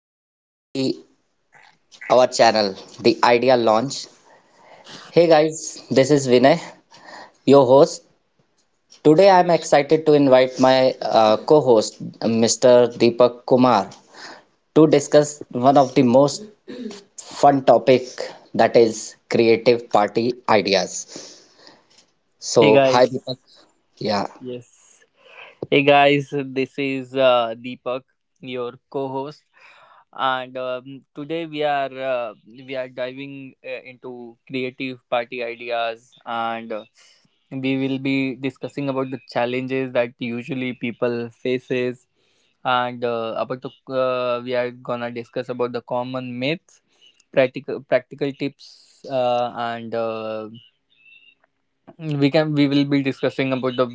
welcome to the our channel, The Idea Launch. Hey guys, this is Vinay, your host. Today I am excited to invite my co-host, Mr. Deepak Kumar, to discuss one of the most fun topic that is creative party ideas. Hey So, hi guys, Deepak. Yeah. yes. Hey guys, this is Deepak, your co-host, and today we are diving into creative party ideas, and we will be discussing about the challenges that usually people faces, and about the we are gonna discuss about the common myths, practical tips, and we will be discussing about the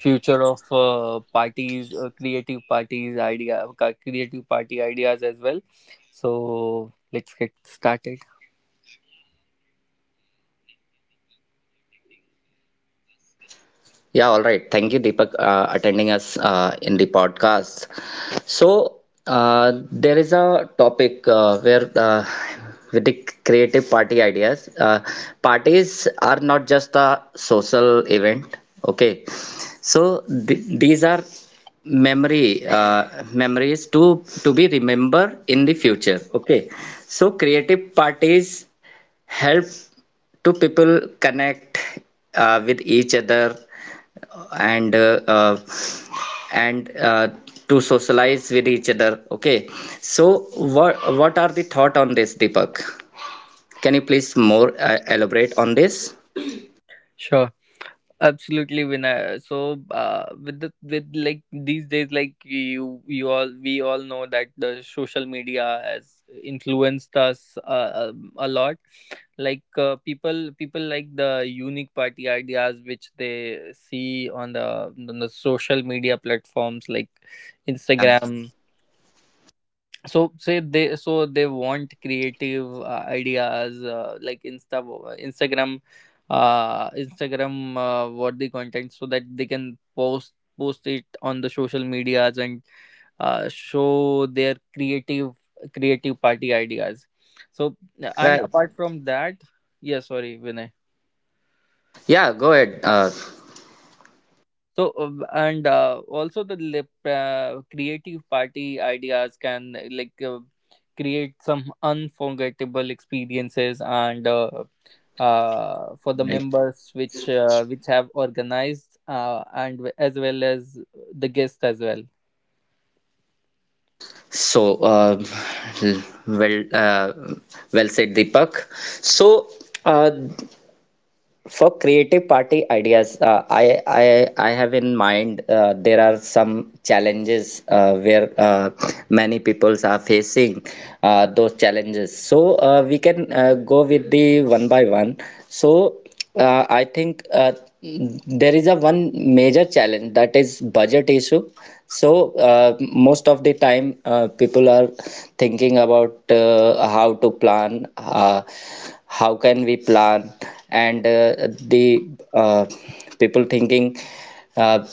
future of parties creative parties idea ca- creative party ideas as well, so let's get started. Yeah, all right. Thank you, Deepak, attending us in the podcast. So there is a topic where with the creative party ideas, parties are not just a social event. Okay, so these are memory memories to be remembered in the future. Okay, so creative parties help to people connect with each other and uh, uh, and to socialize with each other. Okay, so what are the thought on this, Deepak? Can you please more elaborate on this? Sure, absolutely, Vinay. So with, like, these days, like, you all we all know that the social media has influenced us a lot. Like, people like the unique party ideas which they see on the social media platforms like Yeah, Instagram. So say they so they want creative ideas, like instagram instagram worthy content, so that they can post it on the social medias, and show their creative party ideas. So, and right. apart from that. Yeah, sorry, Vinay. Yeah, go ahead. So and also the creative party ideas can create some unforgettable experiences, and for the Right. members which have organized, and as well as the guest as well. so uh, well uh, well said, Deepak. So uh, For creative party ideas, I have in mind there are some challenges where many peoples are facing those challenges. So we can go with the one by one. So I think there is a one major challenge that is budget issue. So most of the time people are thinking about how to plan. How can we plan and the uh, people thinking uh,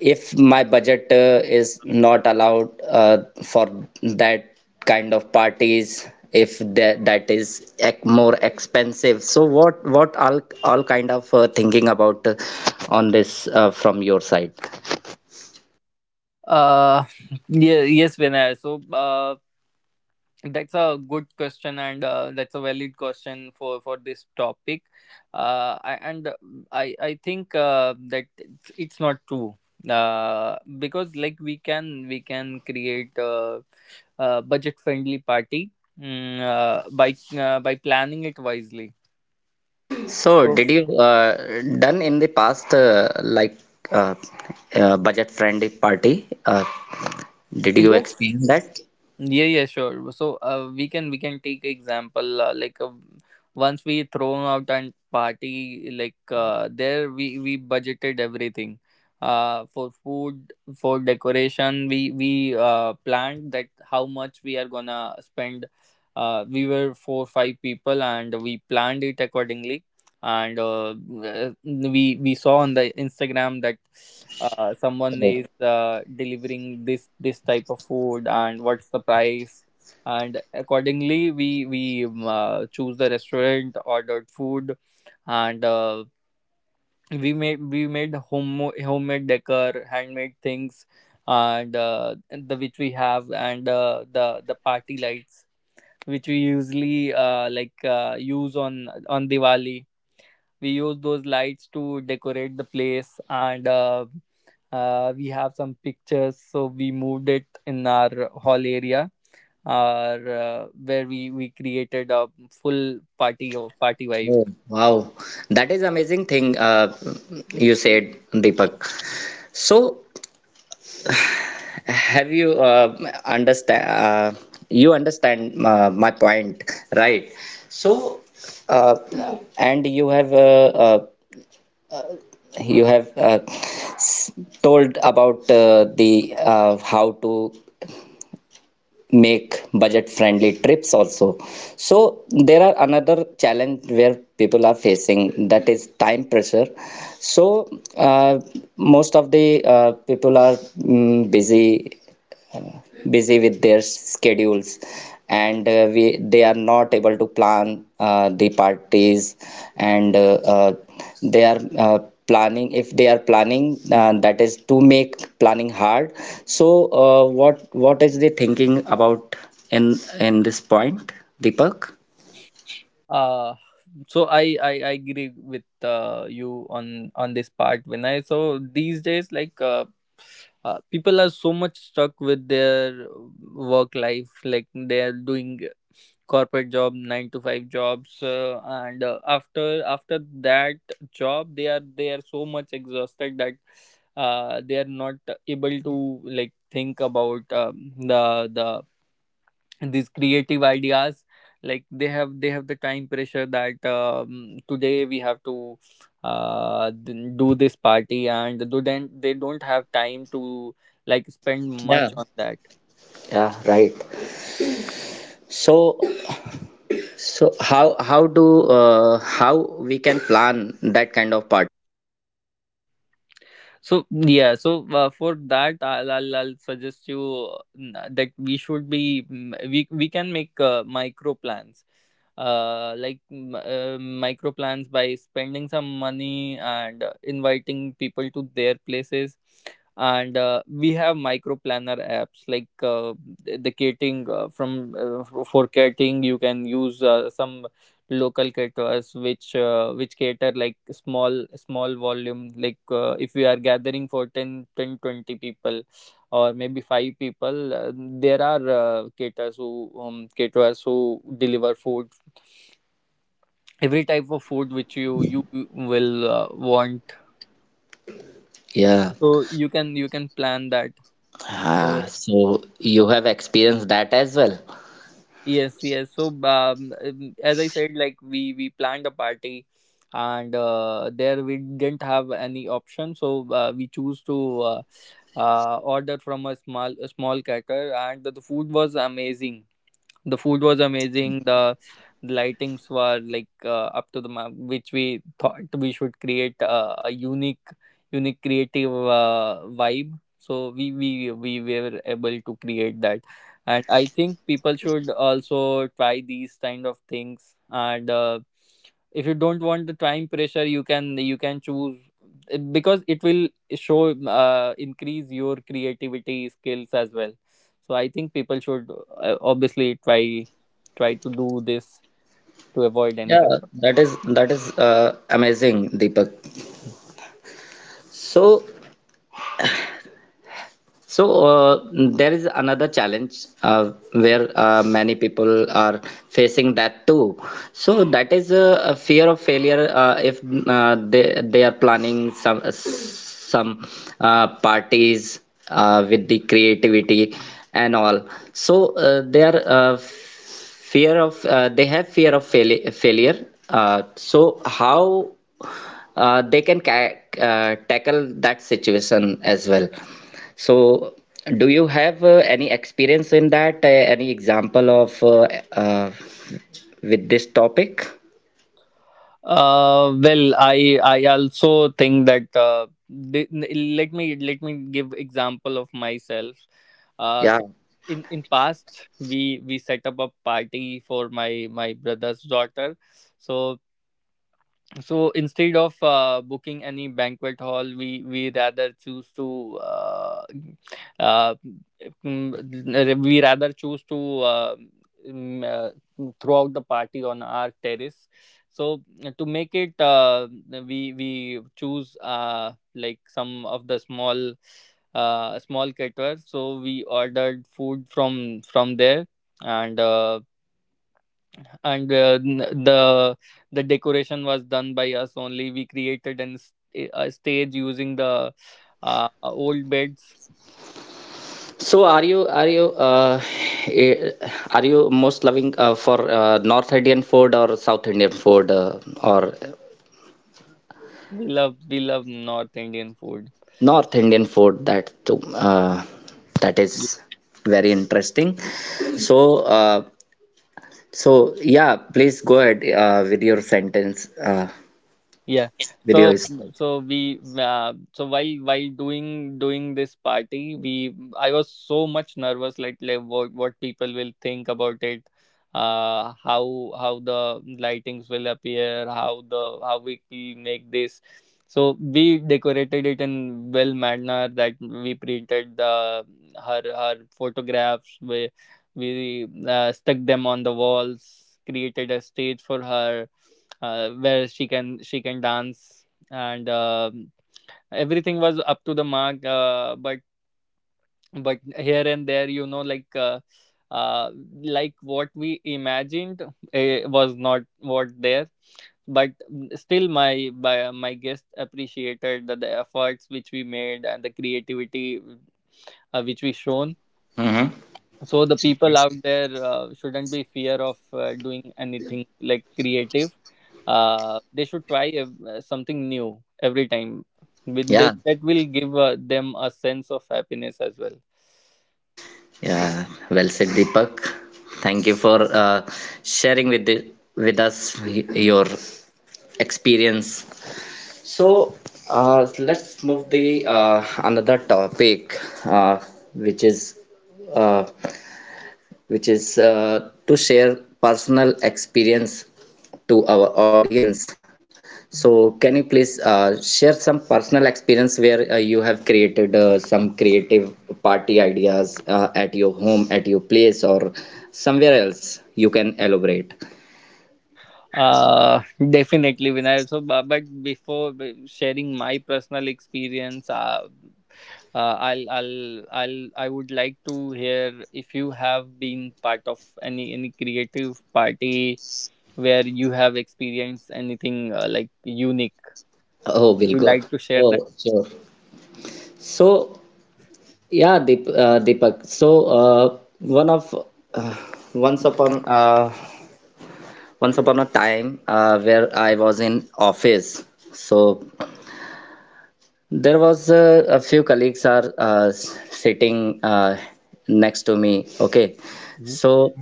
if my budget is not allowed for that kind of parties, if that is more expensive. So what all kind of thinking about on this from your side? Uh, yeah, yes, Vinay. So, that's a good question, and that's a valid question for this topic. I, and I I think that it's not true because, like, we can create a budget friendly party by planning it wisely. So So did you done in the past like uh, budget friendly party, did you yes. experience that? Yeah, yeah, sure. So we can take example once we thrown out and party, like there we budgeted everything for food, for decoration. We planned that how much we are gonna spend. We were four five people, and we planned it accordingly. And we saw on the Instagram that someone Oh, is delivering this type of food, and what's the price. And accordingly we choose the restaurant, ordered food. And we made homemade decor, handmade things, and the which we have, and the party lights which we usually use on diwali we use those lights to decorate the place, and we have some pictures, so we moved it in our hall area, or where we created a full party oh, vibe. wow, that is amazing thing you said, Deepak. So, have you understand? You understand my point, right? So, uh, and you have s- told about the how to make budget friendly trips also. So there are another challenge where people are facing that is time pressure. So uh, most of the people are busy with their schedules, and we they are not able to plan the parties, and they are planning if they are planning, that is to make planning hard. So what is the thinking about in this point, Deepak? uh so I agree with you on this part, Vinay. So these days, like, people are so much stuck with their work life, like they are doing corporate job, nine to five jobs, and after that job, they are so much exhausted that they are not able to, like, think about the these creative ideas. Like, they have the time pressure that today we have to do this party, and do, then they don't have time to, like, spend much Yeah. on that. Yeah, right. So so how how do how we can plan that kind of part? So, for that, I'll suggest you that we should be, we can make micro plans, micro plans by spending some money and inviting people to their places, and we have micro planner apps, like the catering for catering. You can use some local caterers which cater, like, small volume, like if we are gathering for 10 10 20 people or maybe 5 people, there are caterers who deliver food, every type of food which you will want. Yeah. So you can plan that. So Ah, so you have experienced that as well. Yes, as I said, like, we planned a party, and there we didn't have any option, so we choose to order from a small caterer, and the food was amazing, the food was Interesting. amazing the lightings were, like, up to the mark, which we thought we should create a unique creative vibe. So we were able to create that. And I think people should also try these kind of things, and if you don't want the time pressure, you can choose, because it will show increase your creativity skills as well. So I think people should obviously try to do this, to avoid any Yeah, kind of. That is amazing, Deepak. So, so there is another challenge where many people are facing that too. So that is a fear of failure if they are planning some parties with the creativity and all. So they have fear of failure, uh, so how they can tackle that situation as well. So do you have any experience in that, any example of uh, with this topic? Well, I also think that let me give example of myself. Uh, Yeah, so in past we set up a party for my brother's daughter. So, so instead of booking any banquet hall, we rather choose to, uh, mm, we rather choose to mm, throw out the party on our terrace. So, to make it we choose, some of the small caterers, so we ordered food from there and and uh, n- the the decoration was done by us only. We created a stage using the old beds. so eh, are you most loving for North Indian food or South Indian food or We love north indian food. North Indian food? Uh, that is very interesting. So so yeah, please go ahead with your sentence. Yeah, Video so, is. so we so while doing this party, we I was so much nervous, like, what people will think about it. How the lightings will appear, how the how we make this. So we decorated it in well manner, that we printed the her photographs. We stuck them on the walls, created a stage for her, where she can dance. And everything was up to the mark, but here and there, like, uh, like, what we imagined, was not what there. But still, my guest appreciated the efforts which we made, and the creativity which we shown. Mm-hmm. So the people out there shouldn't be fear of doing anything, like creative. They should try something new every time, with that, yeah that will give them a sense of happiness as well. yeah well said, Deepak. Thank you for sharing with us your experience. So let's move the another topic, uh, which is uh, which is to share personal experience to our audience. So, can you please share some personal experience where you have created some creative party ideas at your home, at your place, or somewhere else? You can elaborate. Uh definitely Vinay. So but before sharing my personal experience, I would like to hear if you have been part of any creative party where you have experienced anything like, unique. Oh, will You go. like to share that. Oh, sure. So, yeah, Deepak. So, one of uh, once upon uh, once upon a time where I was in office. So there was a few colleagues are sitting next to me. Okay, so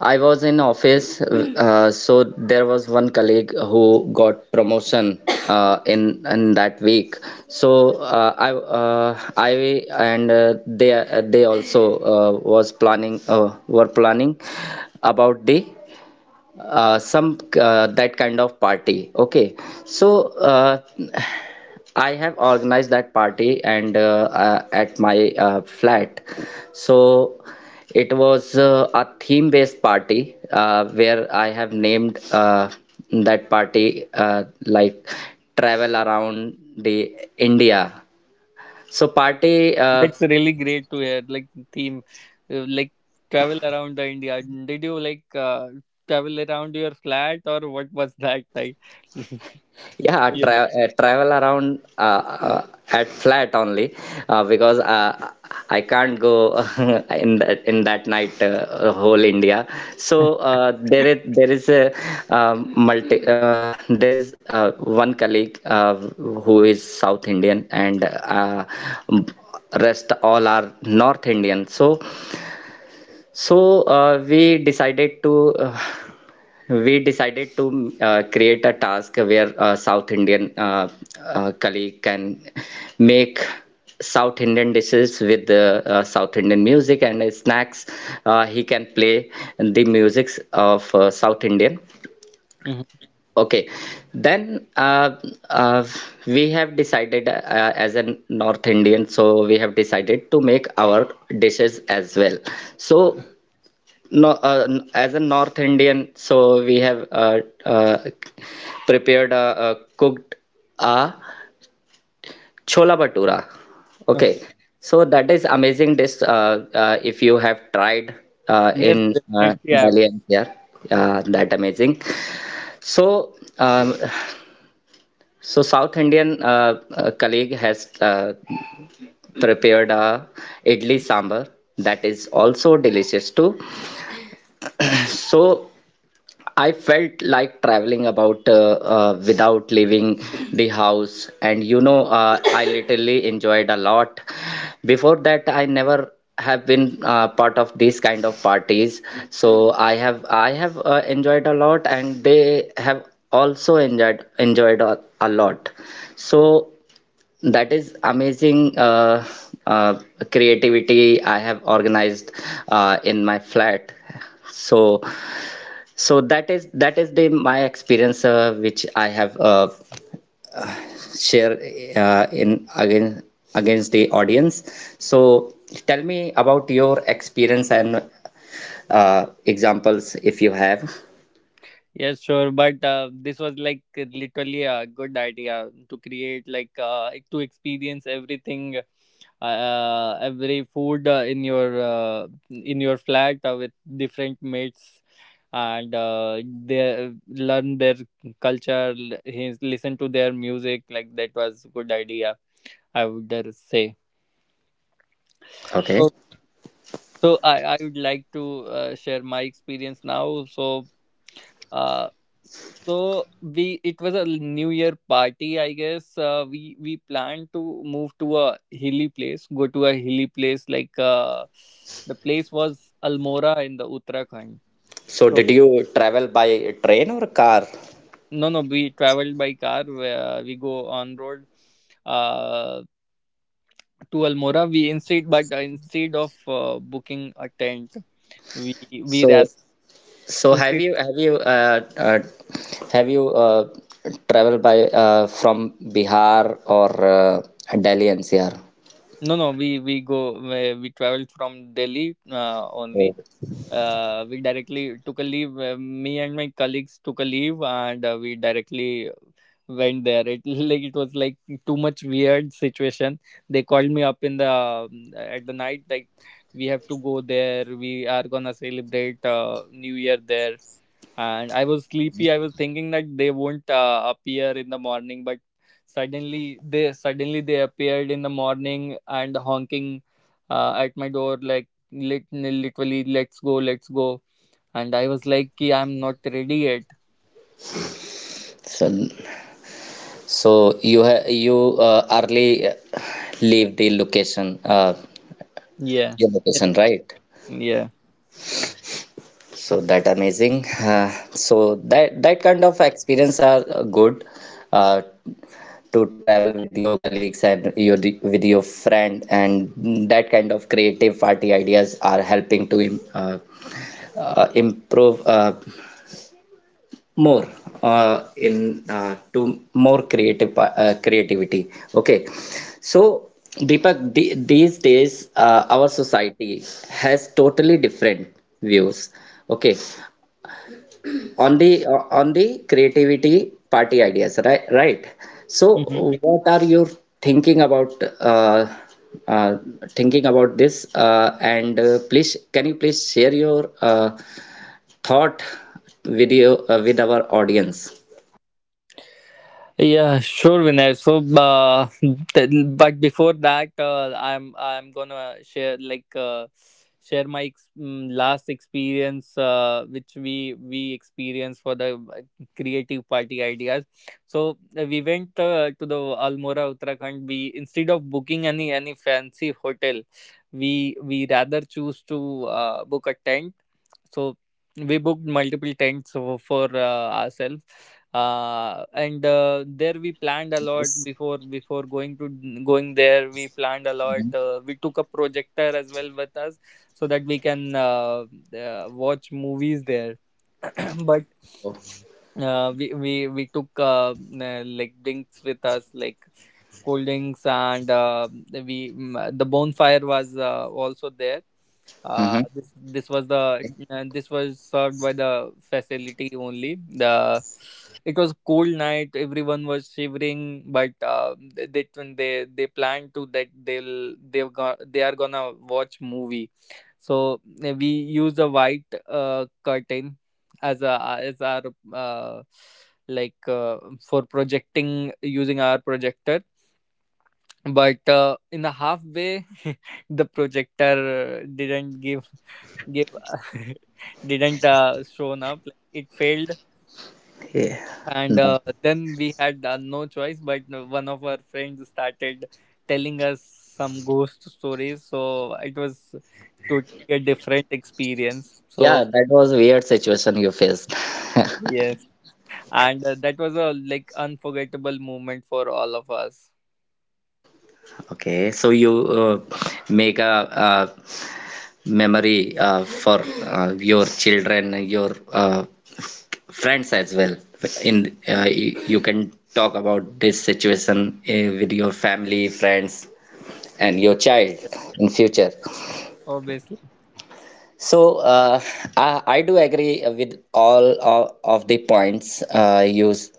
I was in office. So there was one colleague who got promotion in that week. So I and they also was planning were planning about the some that kind of party. Okay, so uh, I have organized that party and at my flat. So it was a theme based party where I have named that party like travel around the India. So party, That's really great to hear, like, theme, like, travel around the India. Did you, like, travel around your flat, or what was that like? It's Yeah, so unique. Travel around at flat only, because I can't go in that night, whole India. So there is one colleague who is South Indian and rest all are North Indian. So we decided to we decided to create a task where a South Indian colleague can make South Indian dishes with the South Indian music and snacks. He can play the musics of South Indian. Mhm. Okay, then uh, we have decided as a North Indian, so we have decided to make our dishes as well. So no, as a North Indian, so we have uh, prepared cooked a chola bhatura. Okay, Okay. so that is amazing dish. If you have tried Yes, in definitely, I... Delhi and here, that amazing. So, so South Indian colleague has prepared a idli sambar, that is also delicious too. So. I felt like traveling about without leaving the house, and I literally enjoyed a lot. Before that, I never have been part of these kind of parties, so I have enjoyed a lot, and they have also enjoyed a lot. So that is amazing uh, creativity I have organized in my flat. So that is the my experience which I have share in again against the audience. So tell me about your experience and examples if you have. Yes, sure. But this was, like, literally a good idea to create, like, to experience everything, every food in your flat with different mates, and they learn their culture, listen to their music. Like, that was good idea, I would dare say. Okay, So I would like to share my experience now. So uh, so we it was a New Year party, I guess. We planned to move to a hilly place, go to a hilly place. Like, the place was Almora in the Uttarakhand. so So did you travel by train or car? no, no, we traveled by car. We go on road uh, to Almora. We instead, but Instead of booking a tent, we we So rather so have instead. you have you uh, uh, have you traveled by from Bihar or uh, Delhi NCR? No, no, we travel from Delhi Oh. only. We directly took a leave. Me and my colleagues took a leave, and we directly went there. It like it was like too much weird situation. They called me up in the at the night, like we have to go there. We are gonna celebrate New Year there, and I was sleepy. I was thinking that they won't appear in the morning, but suddenly they appeared in the morning and honking at my door, like, literally, "Let's go, let's go." And I was like, "Ki, I'm not ready yet." So you early leave Yeah, your in the location, right? morning. So that amazing. So that kind of experience are good uh, to travel with your colleagues and your with your friend, and that kind of creative party ideas are helping to improve, more in to more creative creativity. Okay, so Deepak, these days our society has totally different views. Okay, on the creativity party ideas, right? So Yeah. what are you thinking about uh, uh, this, and please can you please share your thought with you with our audience? Yeah, sure, Vinay. So, th- but before that, I'm gonna share, like, share my last experience, which we experienced for the creative party ideas. So we went to the Almora, Uttarakhand. We, instead of booking any fancy hotel, we rather choose to book a tent. So we booked multiple tents for, ourselves. And there we planned a lot before going to, going there. We planned a lot, we took a projector as well with us, so that we can watch movies there. But we took like, drinks with us, like cold drinks. And we, the bonfire was also there. Mm-hmm. This was the, this was served by the facility only, the... It was cold night, everyone was shivering, but they, they planned to that, they'll they've got they are gonna watch movie. So we use a white curtain as a, as our, uh, for projecting, using our projector. But in the halfway the projector didn't give give didn't shown up, like it failed. Yeah. And That, then we had no choice, but one of our friends started telling us some ghost stories. So it was totally a different experience. So yeah, that was a weird situation you faced. yes, and that was a, like, unforgettable moment for all of us. Okay, so you make a memory for your children, your friends as well. You can talk about this situation with your family, friends, and your child in future. Obviously. So I do agree with all of the points you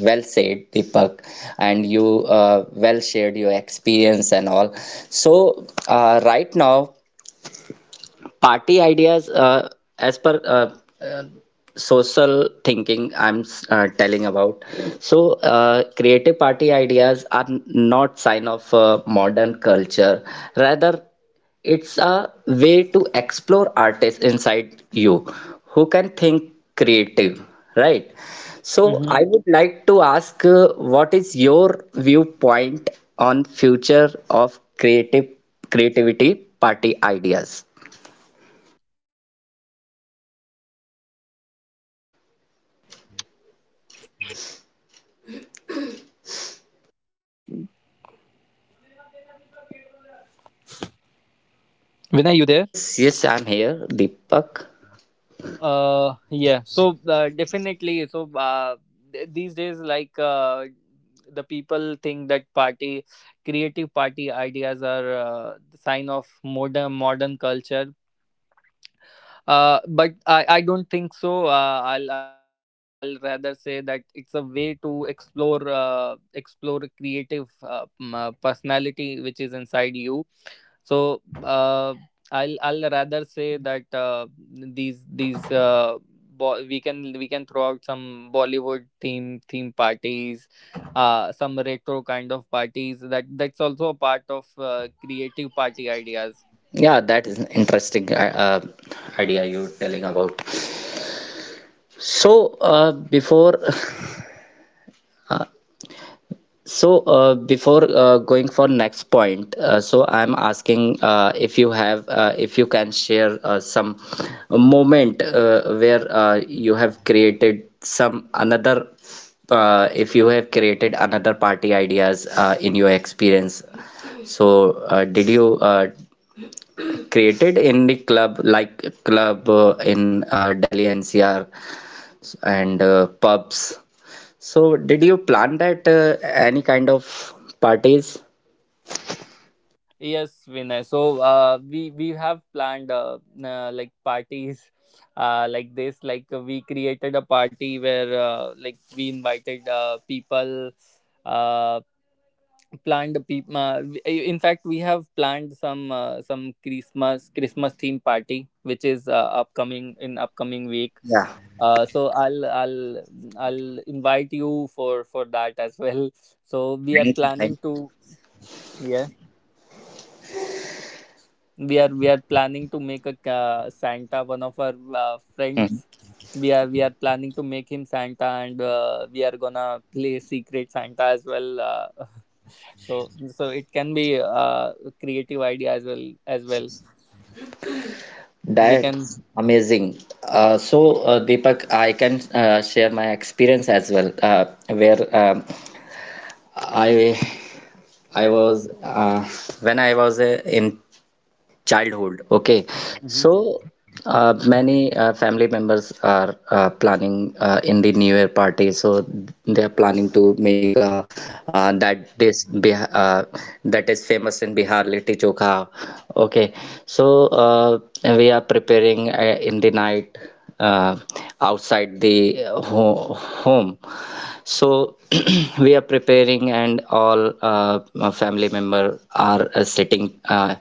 well said, Deepak, and you well shared your experience and all. So right now, party ideas as per social thinking, I'm telling about. So creative party ideas are not sign of modern culture. Rather, it's a way to explore artists inside you who can think creative, right? So Mhm. I would like to ask, what is your viewpoint on future of creative creativity party ideas? Yeah, Vinay, you there? Yes, yes, I'm here, Deepak. Definitely. These days, the people think that party, creative party ideas are the sign of modern culture. But I don't think so. I'll rather say that it's a way to explore explore creative personality which is inside you. So uh, I'll rather say that these these uh, we can throw out some Bollywood theme parties, some retro kind of parties. That's also a part of creative party ideas. Yeah, that is an interesting idea you're telling about. So, before So, before going for next point, so I'm asking if you can share some moment where you have created if you have created another party ideas in your experience. So, did you created in the club in Delhi NCR and pubs? So, did you plan that any kind of parties? Yes, Vinay. So we have planned like parties like this. We created a party where like we invited people. Uh, in fact, we have planned some Christmas theme party, which is upcoming in upcoming week. Yeah. So I'll invite you for that as well. Hmm. So we are Thank you. Thank planning to. you. Yes. We are planning to santa one of our Mhm. friends. We are planning to make him santa, and we are gonna play secret santa as well. So it can be a creative idea as well we can. That's amazing. So, Deepak, I can share my experience as well, where I I was when I was in childhood. Okay, Mhm. so many family members are planning in the new year party. So they are planning to make a that this Bih- that is famous in Bihar litti chokha. Okay, so we are preparing in the night uh, outside the home. So we are preparing and all my family member are sitting uh,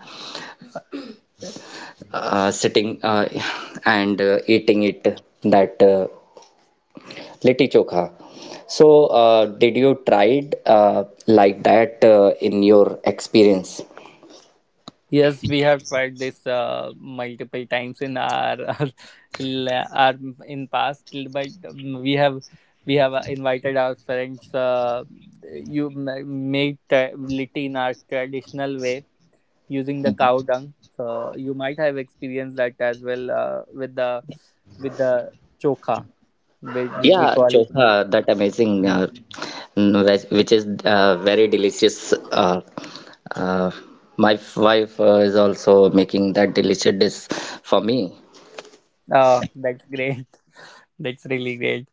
uh, sitting and eating it, that litti chokha. So did you tried like that in your experience? Yes, we have tried this multiple times in our in past, but we have we have invited our friends. You ma- make tra- Litti in our traditional way using the cow dung. So you might have experienced that as well with the with the choka, which we Yeah, call. chokha, that amazing, Mm. Which is very delicious, uh, my wife is also making that delicious dish for me. Oh, that's great! That's really great.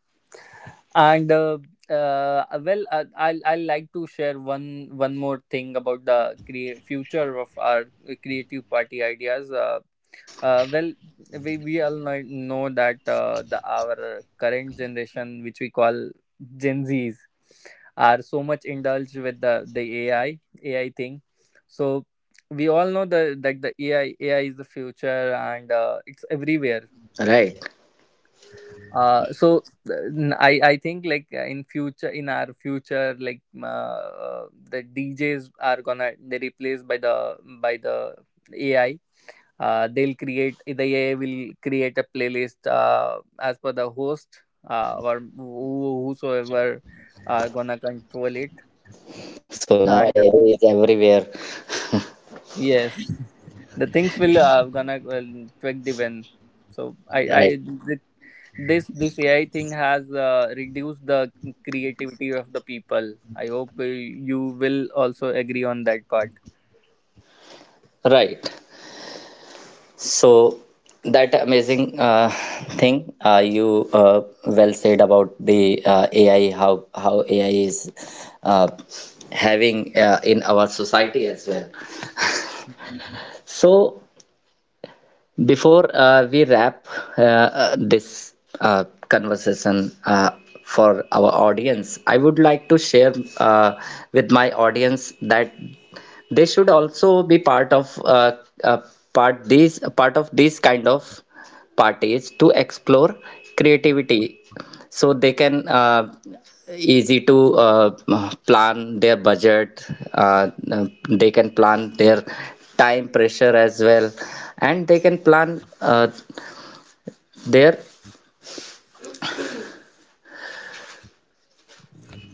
And I'll like to share one more thing about future of our creative party ideas. Uh, uh, well we, we all know that the our current generation, which we call gen z's, are so much indulged with the AI thing. So we all know the that the AI is the future, and it's everywhere. Right, So I think in future in our future the DJs are gonna they replaced by the AI. They'll create the AI will create a playlist as per the host, or whosoever are gonna control it. so now And AI is everywhere. yes, the things will gonna tweak the when. So I right the This AI thing has reduced the creativity of the people. I hope you will also agree on that part. right. So that amazing thing you well said about the AI, how AI is uh, having in our society as well. So before we wrap this conversation for our audience, I would like to share uh, with my audience that they should also be part of uh, part of these kind of parties to explore creativity, so they can easy to plan their budget. Uh, they can plan their time pressure as well, and they can plan their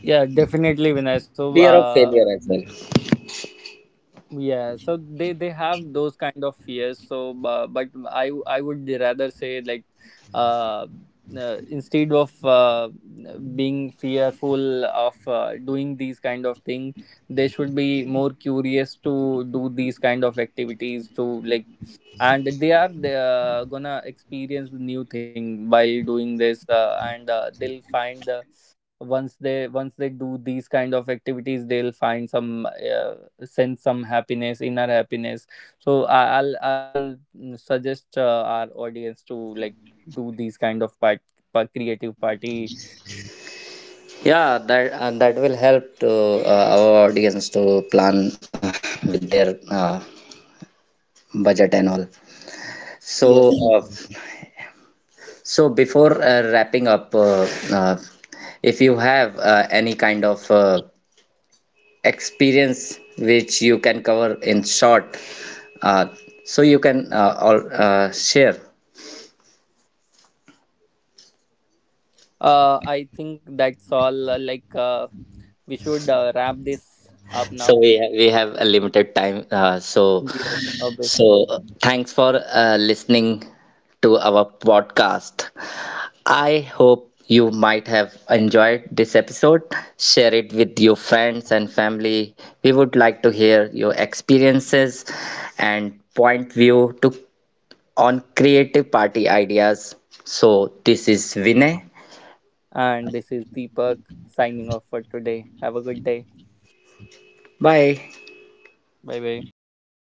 Yeah, definitely, Vinay. Fear of failure as well. Yeah, so they have those kind of fears. So I would rather say, uh, instead of being fearful of doing these kind of thing, they should be more curious to do these kind of activities. To like And they are gonna experience the new thing while doing this, and they'll find once they do these kind of activities, they'll find some sense some happiness, inner happiness. So I'll suggest our audience to like do these kind of part creative party. Yeah, that will help to our audience to plan with their budget and all. So, Yes. So before wrapping up, uh, if you have any kind of experience which you can cover in short, uh, so you can all share. I think that's all. We should wrap this up now. So we have a limited time. So Yes, obviously. Thanks for listening to our podcast. I hope you might have enjoyed this episode. Share it with your friends and family. We would like to hear your experiences and point view to on creative party ideas. So this is Vinay. And this is Deepak signing off for today. Have a good day. Bye. Bye bye.